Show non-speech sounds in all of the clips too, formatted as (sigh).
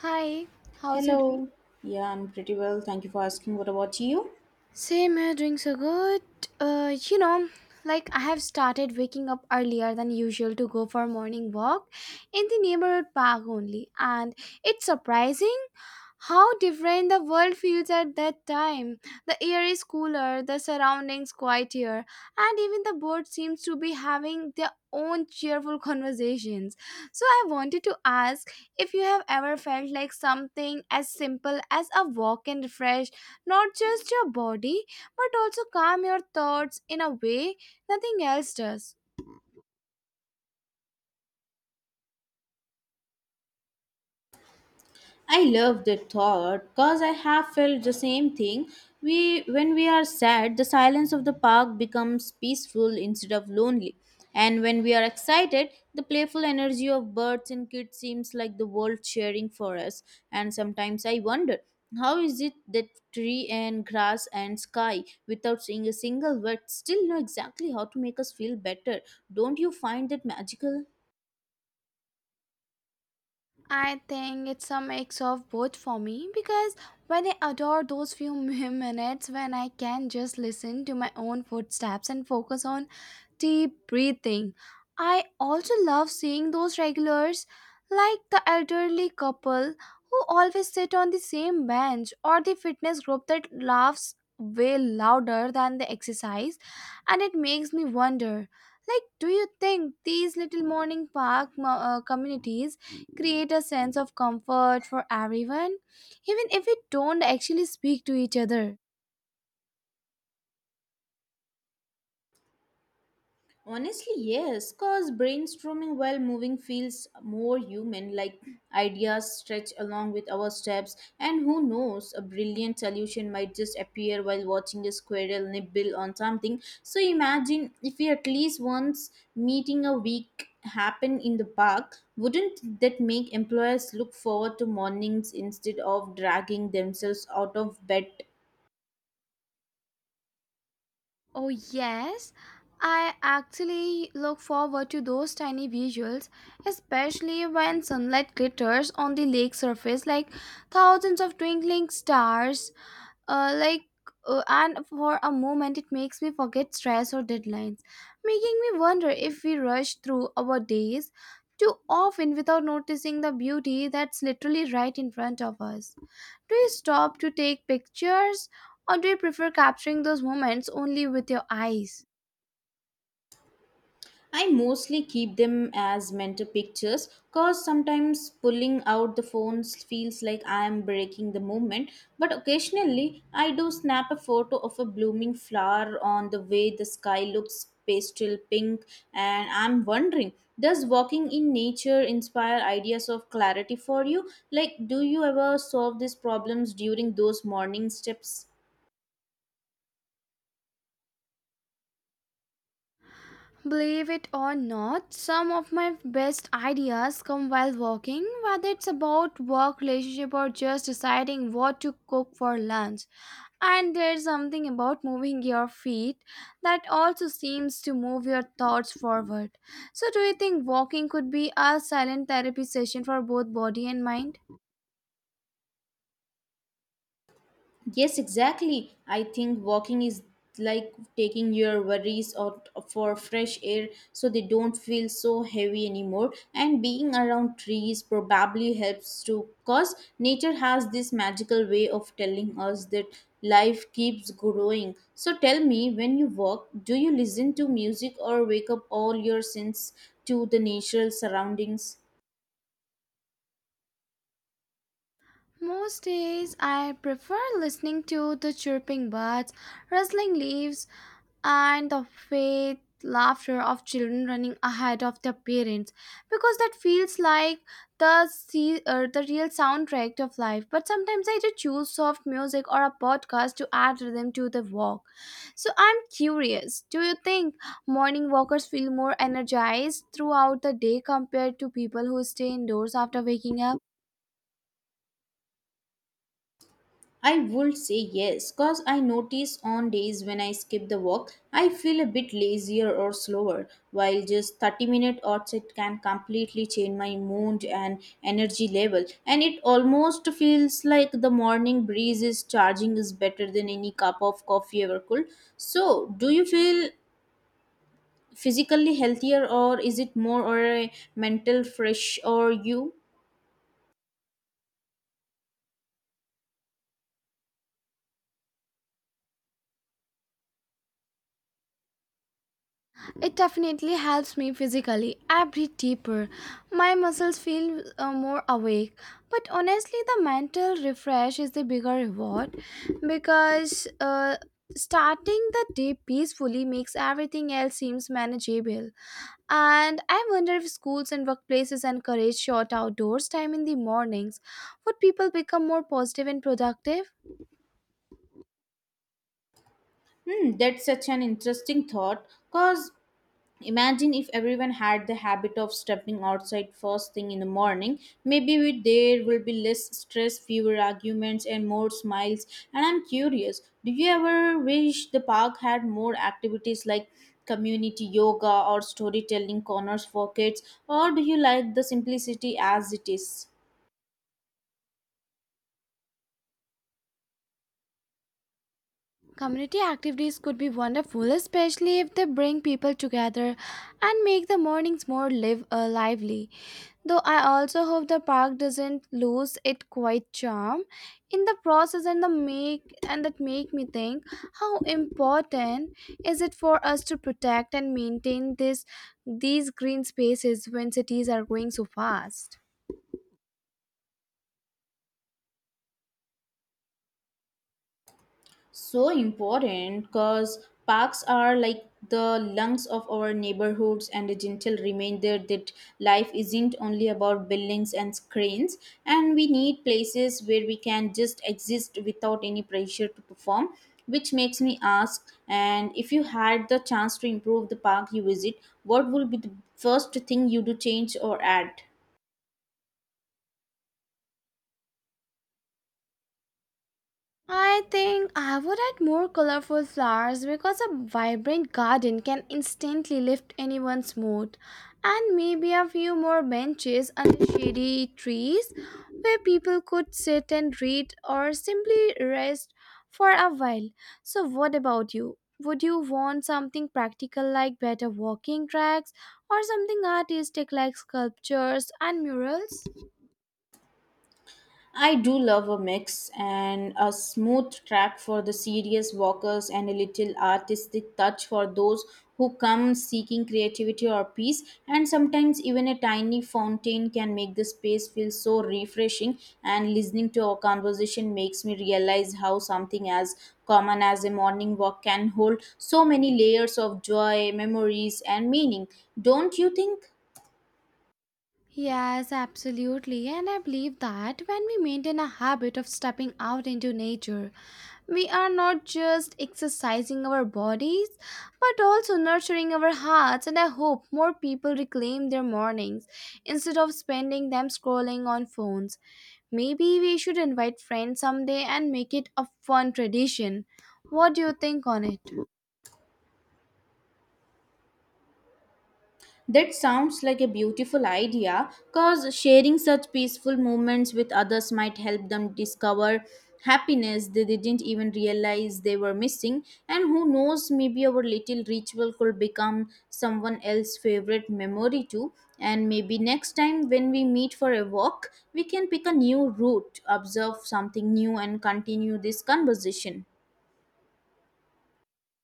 Hi, how's you doing? Hello. Yeah, I'm pretty well. Thank you for asking. What about you? Same here, drinks are good. Uh, you know, like I have started waking up earlier than usual to go for a morning walk in the neighborhood park only, and it's surprising how different the world feels at that time. The air is cooler, the surroundings quieter, and even the birds seems to be having their own cheerful (laughs) conversations. So I wanted to ask if you have ever felt like something as simple as a walk can refresh not just your body but also calm your thoughts in a way nothing else does. I love that thought because I have felt the same thing. We When we are sad, the silence of the park becomes peaceful instead of lonely. And when we are excited, the playful energy of birds and kids seems like the world cheering for us. And sometimes I wonder, how is it that tree and grass and sky, without saying a single word, still know exactly how to make us feel better? Don't you find that magical? I think it's a mix of both for me because when I adore those few (laughs) minutes when I can just listen to my own footsteps and focus on deep breathing. I also love seeing those regulars, like the elderly couple who always sit on the same bench, or the fitness group that laughs way louder than the exercise, and it makes me wonder. Like, do you think these little morning communities create a sense of comfort for everyone, even if we don't actually speak to each other? Honestly, yes, because brainstorming while moving feels more human, like ideas stretch along with our steps, and who knows, a brilliant solution might just appear while watching a squirrel nibble on something. So imagine if we at least once meeting a week happen in the park, wouldn't that make employers look forward to mornings instead of dragging themselves out of bed. Oh, yes. I actually look forward to those tiny visuals, especially when sunlight glitters on the lake surface like thousands of twinkling stars uh, like and for a moment it makes me forget stress or deadlines, making me wonder if we rush through our days too often without noticing the beauty that's literally right in front of us. Do you stop to take pictures or do you prefer capturing those moments only with your eyes? I mostly keep them as mental pictures because sometimes pulling out the phone feels like I am breaking the moment. But occasionally, I do snap a photo of a blooming flower on the way the sky looks pastel pink, and I'm wondering, does walking in nature inspire ideas of clarity for you? Like, do you ever solve these problems during those morning steps? Believe it or not, some of my best ideas come while walking, whether it's about work, relationship, or just deciding what to cook for lunch. And there's something about moving your feet that also seems to move your thoughts forward. So, do you think walking could be a silent therapy session for both body and mind? Yes, exactly. I think walking is like taking your worries out for fresh air so they don't feel so heavy anymore. And being around trees probably helps too, because nature has this magical way of telling us that life keeps growing. So tell me, when you walk, do you listen to music or wake up all your sense to the natural surroundings? Most days I prefer listening to the chirping birds, rustling leaves, and the faint laughter of children running ahead of their parents because that feels like the real soundtrack of life. But sometimes I do choose soft music or a podcast to add rhythm to the walk. So I'm curious, do you think morning walkers feel more energized throughout the day compared to people who stay indoors after waking up? I would say yes, cause I notice on days when I skip the walk, I feel a bit lazier or slower, while just 30-minute outset can completely change my mood and energy level. And it almost feels like the morning breeze is charging is better than any cup of coffee ever could. So, do you feel physically healthier or is it more or a mental fresh or you? It definitely helps me physically. I breathe deeper. My muscles feel more awake. But honestly, the mental refresh is the bigger reward because starting the day peacefully makes everything else seems manageable. And I wonder if schools and workplaces encourage short outdoors time in the mornings. Would people become more positive and productive? Hmm, that's such an interesting thought, cause imagine if everyone had the habit of stepping outside first thing in the morning. Maybe we, there will be less stress, fewer arguments, and more smiles. And I'm curious, do you ever wish the park had more activities like community yoga or storytelling corners for kids? Or do you like the simplicity as it is? Community activities could be wonderful, especially if they bring people together and make the mornings lively. Though I also hope the park doesn't lose its quite charm in the process, and that make me think how important is it for us to protect and maintain this these green spaces when cities are growing so fast. So important because parks are like the lungs of our neighborhoods and a gentle reminder that life isn't only about buildings and screens, and we need places where we can just exist without any pressure to perform, which makes me ask, and if you had the chance to improve the park you visit, what would be the first thing you do change or add? I think I would add more colorful flowers because a vibrant garden can instantly lift anyone's mood, and maybe a few more benches under shady trees where people could sit and read or simply rest for a while. So, what about you? Would you want something practical like better walking tracks or something artistic like sculptures and murals? I do love a mix and a smooth track for the serious walkers and a little artistic touch for those who come seeking creativity or peace. And sometimes, even a tiny fountain can make the space feel so refreshing. And listening to our conversation makes me realize how something as common as a morning walk can hold so many layers of joy, memories, and meaning. Don't you think? Yes, absolutely. And I believe that when we maintain a habit of stepping out into nature, we are not just exercising our bodies, but also nurturing our hearts. And I hope more people reclaim their mornings instead of spending them scrolling on phones. Maybe we should invite friends someday and make it a fun tradition. What do you think on it? That sounds like a beautiful idea because sharing such peaceful moments with others might help them discover happiness they didn't even realize they were missing. And who knows, maybe our little ritual could become someone else's favorite memory too. And maybe next time when we meet for a walk, we can pick a new route, observe something new, and continue this conversation.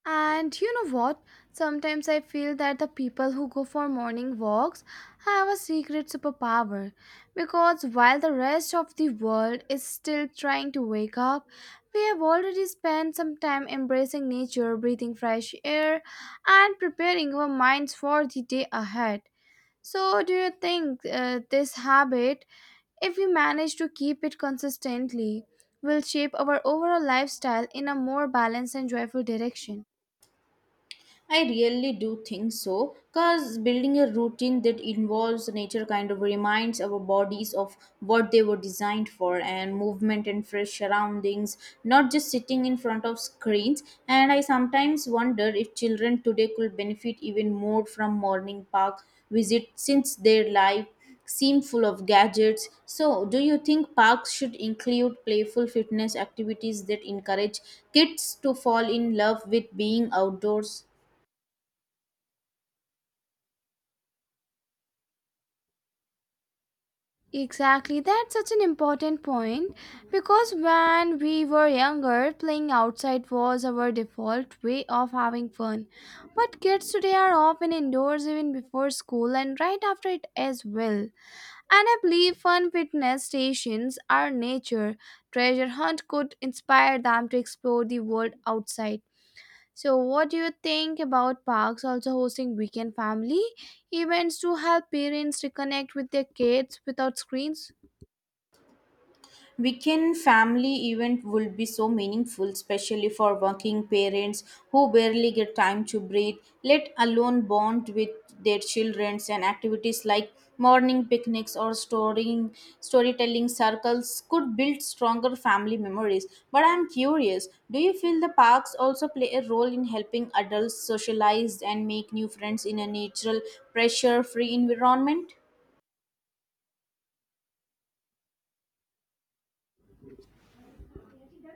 And you know what? Sometimes I feel that the people who go for morning walks have a secret superpower because while the rest of the world is still trying to wake up, we have already spent some time embracing nature, breathing fresh air, and preparing our minds for the day ahead. So, do you think this habit, if we manage to keep it consistently, will shape our overall lifestyle in a more balanced and joyful direction? I really do think so, because building a routine that involves nature kind of reminds our bodies of what they were designed for and movement and fresh surroundings, not just sitting in front of screens. And I sometimes wonder if children today could benefit even more from morning park visit since their life seem full of gadgets. So, do you think parks should include playful fitness activities that encourage kids to fall in love with being outdoors? Exactly, that's such an important point because when we were younger, playing outside was our default way of having fun. But kids today are often indoors even before school and right after it as well. And I believe fun fitness stations are nature. Treasure hunt could inspire them to explore the world outside. So, what do you think about parks also hosting weekend family events to help parents reconnect with their kids without screens? Weekend family event will be so meaningful, especially for working parents who barely get time to breathe, let alone bond with their children, and activities like morning picnics or storing storytelling circles could build stronger family memories. But I'm curious, do you feel the parks also play a role in helping adults socialize and make new friends in a natural, pressure-free environment?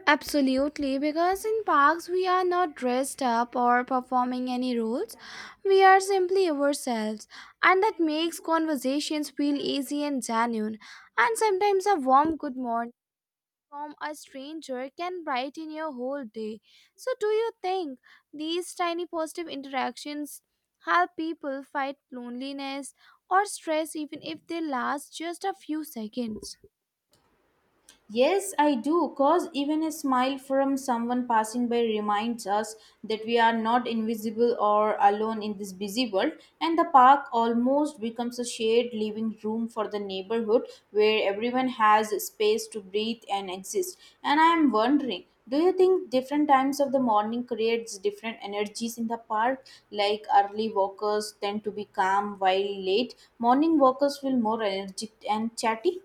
Absolutely, because in parks we are not dressed up or performing any roles. We are simply ourselves, and that makes conversations feel easy and genuine. And sometimes a warm good morning from a stranger can brighten your whole day. So, do you think these tiny positive interactions help people fight loneliness or stress even if they last just a few seconds? Yes, I do, cause even a smile from someone passing by reminds us that we are not invisible or alone in this busy world, and the park almost becomes a shared living room for the neighborhood where everyone has space to breathe and exist. And I am wondering, do you think different times of the morning creates different energies in the park? Like early walkers tend to be calm while late morning walkers feel more energetic and chatty?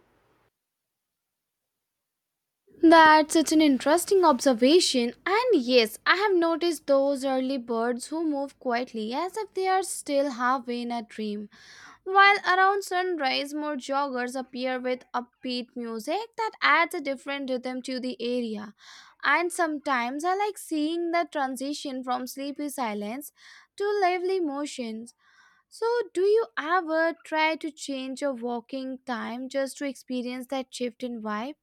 That's such an interesting observation. And yes, I have noticed those early birds who move quietly as if they are still halfway in a dream. While around sunrise, more joggers appear with upbeat music that adds a different rhythm to the area. And sometimes I like seeing the transition from sleepy silence to lively motions. So, do you ever try to change your walking time just to experience that shift in vibe?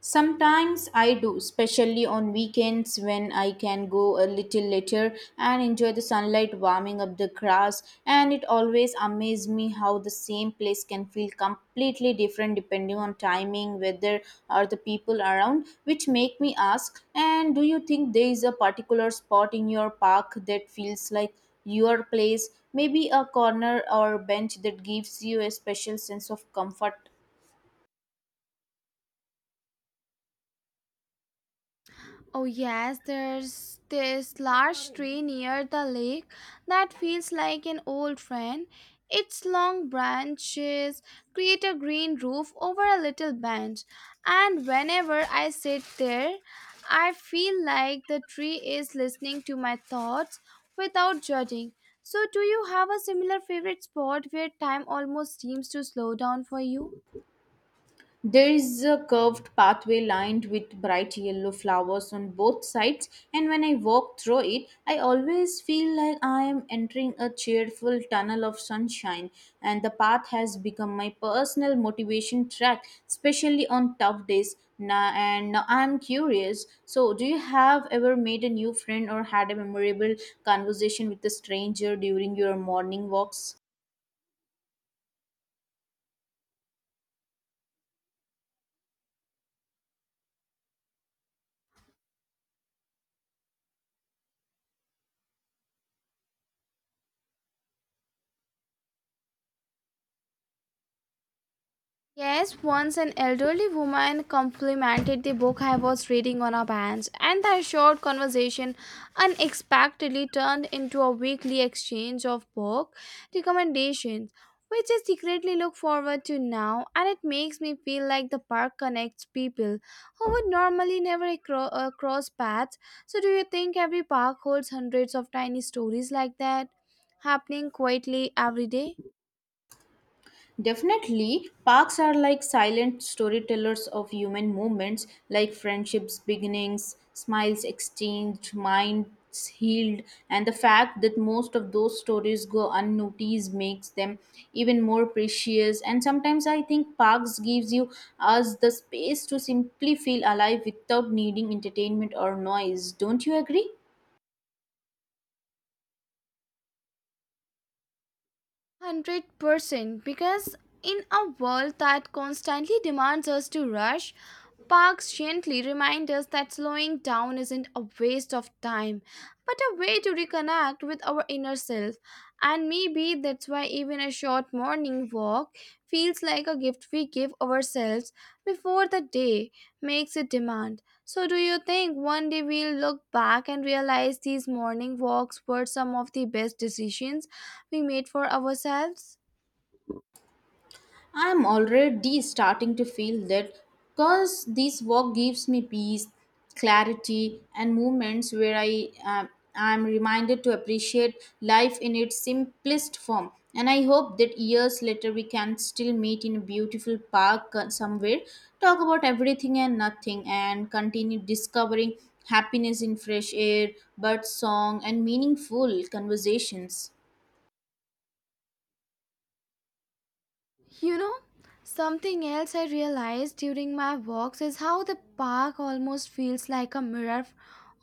Sometimes I do, especially on weekends when I can go a little later and enjoy the sunlight warming up the grass. And it always amazes me how the same place can feel completely different depending on timing, weather, or the people around, which make me ask, and do you think there is a particular spot in your park that feels like your place? Maybe a corner or bench that gives you a special sense of comfort. Oh, yes, there's this large tree near the lake that feels like an old friend. Its long branches create a green roof over a little bench, and whenever I sit there, I feel like the tree is listening to my thoughts without judging. So, do you have a similar favorite spot where time almost seems to slow down for you? There is a curved pathway lined with bright yellow flowers on both sides, and when I walk through it, I always feel like I am entering a cheerful tunnel of sunshine. And the path has become my personal motivation track, especially on tough days. Now, and now I'm curious. So, do you have ever made a new friend or had a memorable conversation with a stranger during your morning walks? Yes, once an elderly woman complimented the book I was reading on our bands, and their short conversation unexpectedly turned into a weekly exchange of book recommendations, which I secretly look forward to now, and it makes me feel like the park connects people who would normally never cross paths. So, do you think every park holds hundreds of tiny stories like that happening quietly every day? Definitely, parks are like silent storytellers of human moments, like friendships, beginnings, smiles exchanged, minds healed, and the fact that most of those stories go unnoticed makes them even more precious. And sometimes I think parks gives you us the space to simply feel alive without needing entertainment or noise. Don't you agree? 100% because in a world that constantly demands us to rush, parks gently remind us that slowing down isn't a waste of time, but a way to reconnect with our inner self. And maybe that's why even a short morning walk feels like a gift we give ourselves before the day makes a demand. So, do you think one day we'll look back and realize these morning walks were some of the best decisions we made for ourselves? I'm already starting to feel that because this work gives me peace, clarity, and moments where I am reminded to appreciate life in its simplest form. And I hope that years later we can still meet in a beautiful park somewhere, talk about everything and nothing, and continue discovering happiness in fresh air, bird song, and meaningful conversations. You know, something else I realized during my walks is how the park almost feels like a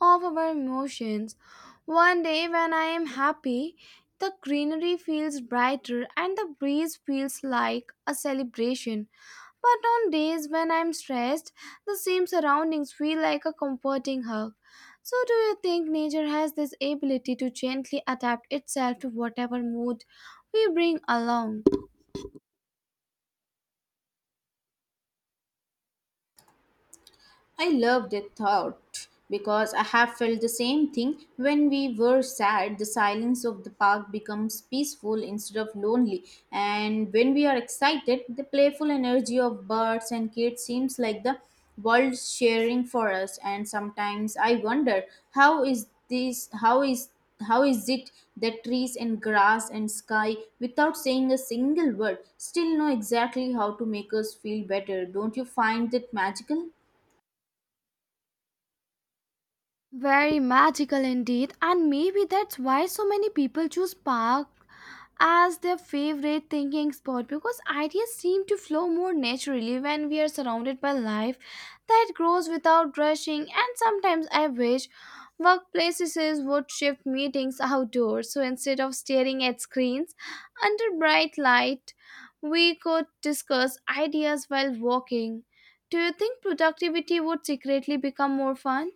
of our emotions. One day when I am happy, the greenery feels brighter and the breeze feels like a celebration. But on days when I'm stressed, the same surroundings feel like a comforting hug. So, do you think nature has this ability to gently adapt itself to whatever mood we bring along? I loved that thought because I have felt the same thing when we were sad. The silence of the park becomes peaceful instead of lonely, and when we are excited, the playful energy of birds and kids seems like the world sharing for us. And sometimes I wonder, how is this? How is it that trees and grass and sky, without saying a single word, still know exactly how to make us feel better? Don't you find that magical? Very magical indeed, and maybe that's why so many people choose park as their favorite thinking spot because ideas seem to flow more naturally when we are surrounded by life that grows without rushing. And sometimes I wish workplaces would shift meetings outdoors so instead of staring at screens under bright light, we could discuss ideas while walking. Do you think productivity would secretly become more fun?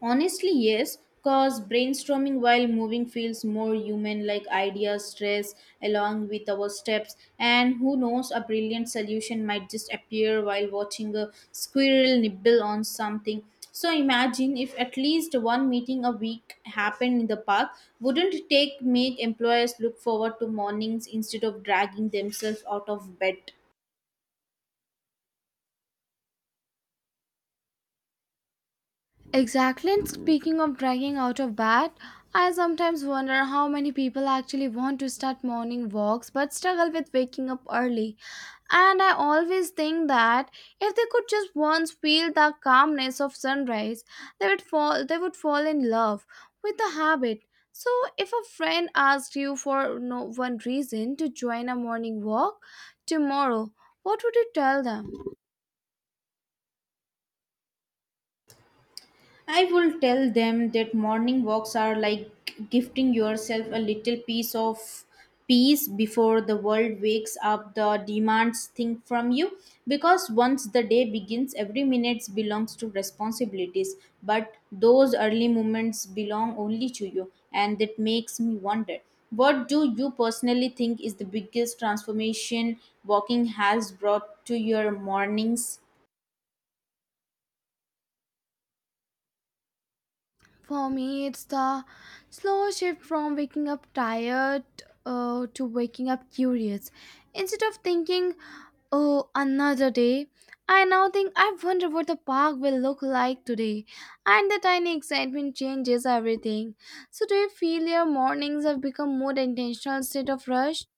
Honestly, yes, because brainstorming while moving feels more human like ideas, stress along with our steps, and who knows, a brilliant solution might just appear while watching a squirrel nibble on something. So imagine if at least one meeting a week happened in the park, wouldn't it take make employers look forward to mornings instead of dragging themselves out of bed? Exactly. And speaking of dragging out of bed, I sometimes wonder how many people actually want to start morning walks but struggle with waking up early. And I always think that if they could just once feel the calmness of sunrise, they would fall in love with the habit. So if a friend asked you for no one reason to join a morning walk tomorrow, what would you tell them? I will tell them that morning walks are like gifting yourself a little piece of peace before the world wakes up the demands thing from you, because once the day begins every minute belongs to responsibilities, but those early moments belong only to you, and that makes me wonder, what do you personally think is the biggest transformation walking has brought to your mornings? For me, it's the slow shift from waking up tired to waking up curious. Instead of thinking, oh, another day, I now think, I wonder what the park will look like today. And the tiny excitement changes everything. So, do you feel your mornings have become more intentional instead of rushed?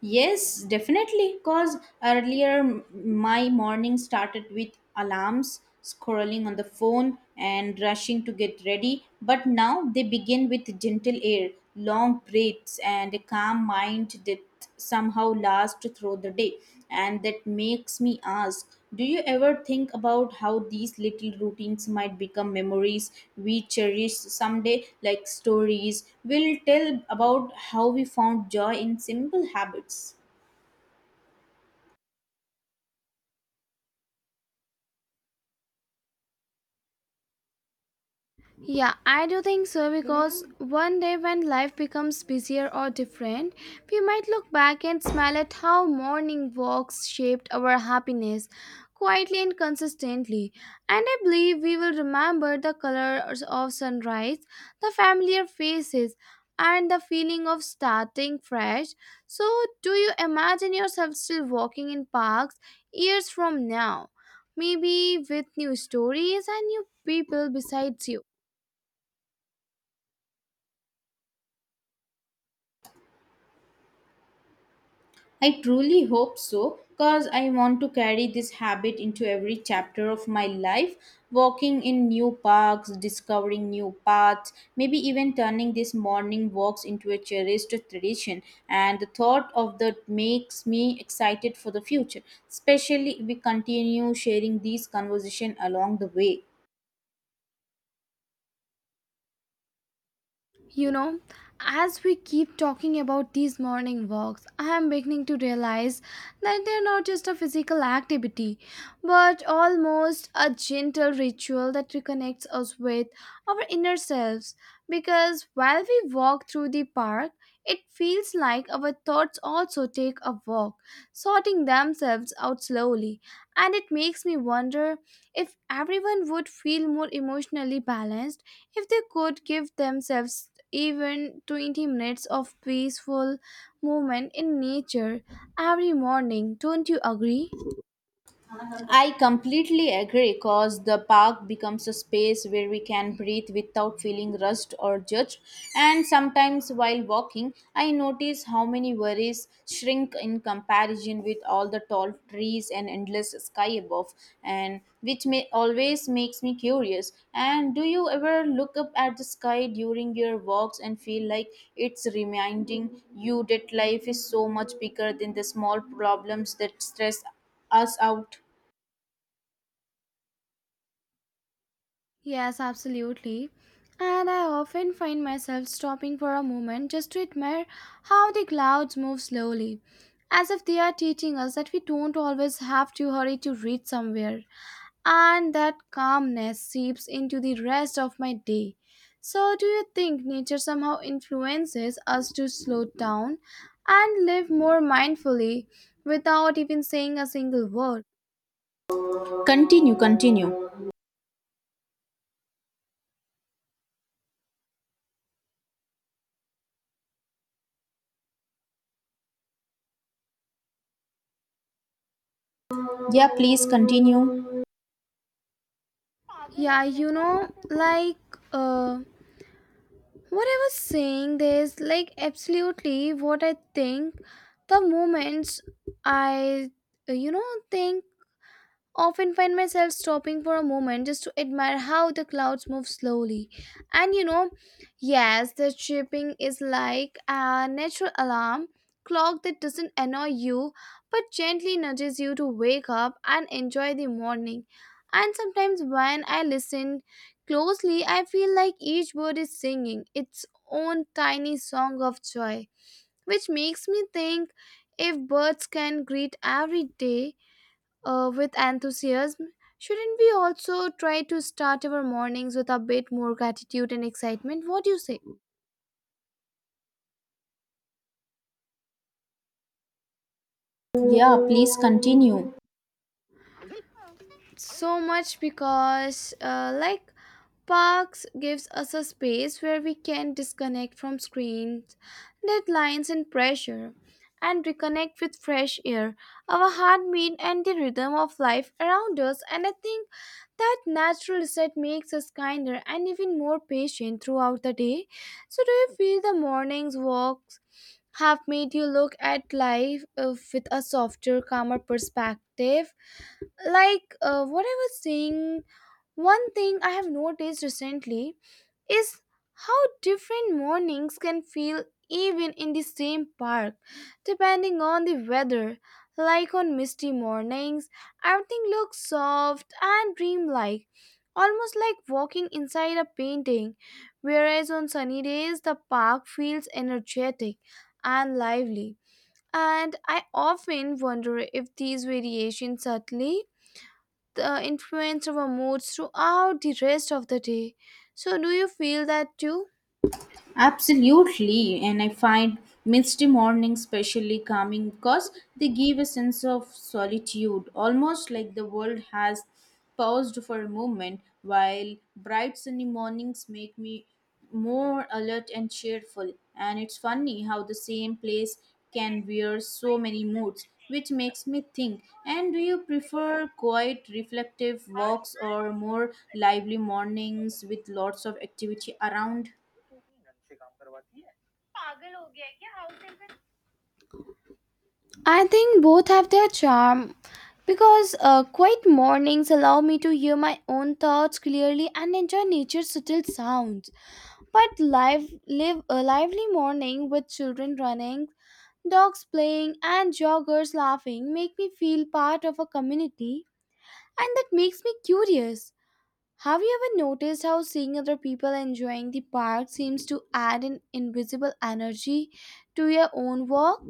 Yes, definitely. Because earlier my morning started with alarms, scrolling on the phone, and rushing to get ready. But now they begin with gentle air, long breaths, and a calm mind that somehow last through the day. And that makes me ask, do you ever think about how these little routines might become memories we cherish someday, like stories we'll tell about how we found joy in simple habits? Yeah, I do think so because one day when life becomes busier or different, we might look back and smile at how morning walks shaped our happiness quietly and consistently. And I believe we will remember the colors of sunrise, the familiar faces, and the feeling of starting fresh. So, do you imagine yourself still walking in parks years from now? Maybe with new stories and new people besides you. I truly hope so because I want to carry this habit into every chapter of my life, walking in new parks, discovering new paths, maybe even turning these morning walks into a cherished tradition. And the thought of that makes me excited for the future, especially if we continue sharing these conversation along the way. You know, as we keep talking about these morning walks, I am beginning to realize that they are not just a physical activity, but almost a gentle ritual that reconnects us with our inner selves. Because while we walk through the park, it feels like our thoughts also take a walk, sorting themselves out slowly. And it makes me wonder if everyone would feel more emotionally balanced if they could give themselves even 20 minutes of peaceful movement in nature every morning, don't you agree? I completely agree because the park becomes a space where we can breathe without feeling rushed or judged. And sometimes while walking, I notice how many worries shrink in comparison with all the tall trees and endless sky above, and which may always makes me curious. And do you ever look up at the sky during your walks and feel like it's reminding you that life is so much bigger than the small problems that stress us out? Yes, absolutely. And I often find myself stopping for a moment just to admire how the clouds move slowly, as if they are teaching us that we don't always have to hurry to reach somewhere, and that calmness seeps into the rest of my day. So, do you think nature somehow influences us to slow down and live more mindfully without even saying a single word? Continue, continue. Yeah, please continue. Yeah, you know, like, uh, what I was saying, there's like absolutely what I think the moments I, uh, you know, think often find myself stopping for a moment just to admire how the clouds move slowly. And you know, yes, the chirping is like a natural alarm clock that doesn't annoy you but gently nudges you to wake up and enjoy the morning. And sometimes when I listen closely, I feel like each bird is singing its own tiny song of joy, which makes me think if birds can greet every day with enthusiasm, shouldn't we also try to start our mornings with a bit more gratitude and excitement? What do you say? Yeah, please continue. So much because, parks gives us a space where we can disconnect from screens, deadlines, and pressure, and reconnect with fresh air, our heartbeat, and the rhythm of life around us. And I think that natural reset makes us kinder and even more patient throughout the day. So, do you feel the morning's walks have made you look at life with a softer, calmer perspective? What I was saying, one thing I have noticed recently is how different mornings can feel even in the same park depending on the weather. Like on misty mornings, everything looks soft and dreamlike, almost like walking inside a painting. Whereas on sunny days, the park feels energetic and lively. And I often wonder if these variations subtly influence our moods throughout the rest of the day. So, do you feel that too? Absolutely, and I find misty mornings especially calming because they give a sense of solitude, almost like the world has paused for a moment, while bright sunny mornings make me more alert and cheerful. And it's funny how the same place can wear so many moods, which makes me think. And do you prefer quiet, reflective walks or more lively mornings with lots of activity around? I think both have their charm because quiet mornings allow me to hear my own thoughts clearly and enjoy nature's subtle sounds. But live, live a lively morning with children running, dogs playing, and joggers laughing make me feel part of a community, and that makes me curious. Have you ever noticed how seeing other people enjoying the park seems to add an invisible energy to your own walk?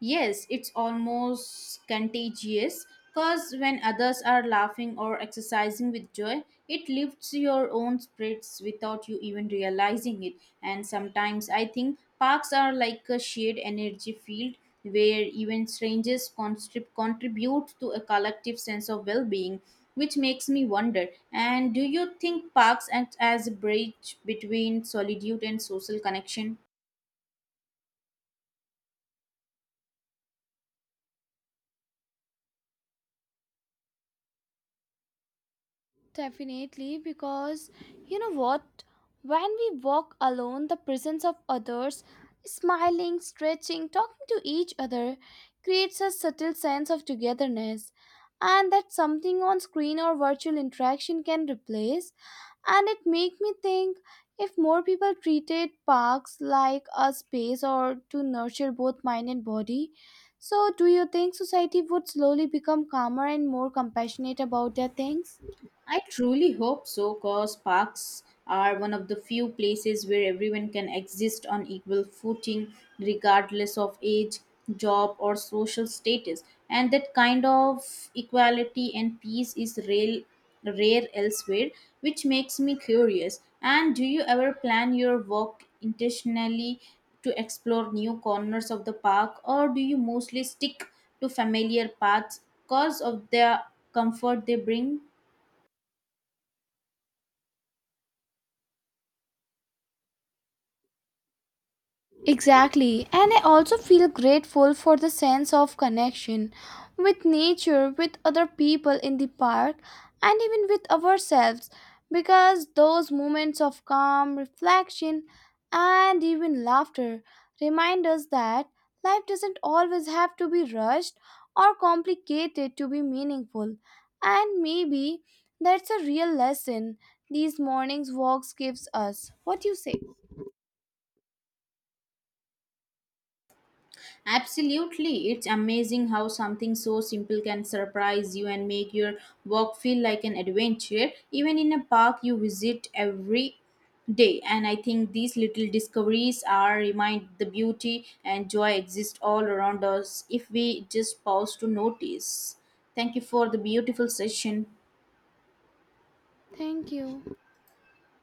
Yes, it's almost contagious because when others are laughing or exercising with joy, it lifts your own spirits without you even realizing it. And sometimes I think parks are like a shared energy field where even strangers contribute to a collective sense of well being, which makes me wonder. And do you think parks act as a bridge between solitude and social connection? Definitely, because you know what? When we walk alone, the presence of others, smiling, stretching, talking to each other, creates a subtle sense of togetherness. And that something on screen or virtual interaction can replace. And it makes me think if more people treated parks like a space or to nurture both mind and body. So, do you think society would slowly become calmer and more compassionate about their things? I truly hope so, because parks are one of the few places where everyone can exist on equal footing, regardless of age, job, or social status. And that kind of equality and peace is real, rare elsewhere, which makes me curious. And do you ever plan your walk intentionally to explore new corners of the park, or do you mostly stick to familiar paths because of the comfort they bring? Exactly, and I also feel grateful for the sense of connection with nature, with other people in the park, and even with ourselves because those moments of calm, reflection, and even laughter remind us that life doesn't always have to be rushed or complicated to be meaningful. And maybe that's a real lesson these mornings walks gives us. What do you say? Absolutely. It's amazing how something so simple can surprise you and make your walk feel like an adventure, even in a park you visit every day. And I think these little discoveries are remind the beauty and joy exist all around us if we just pause to notice. Thank you for the beautiful session. Thank you.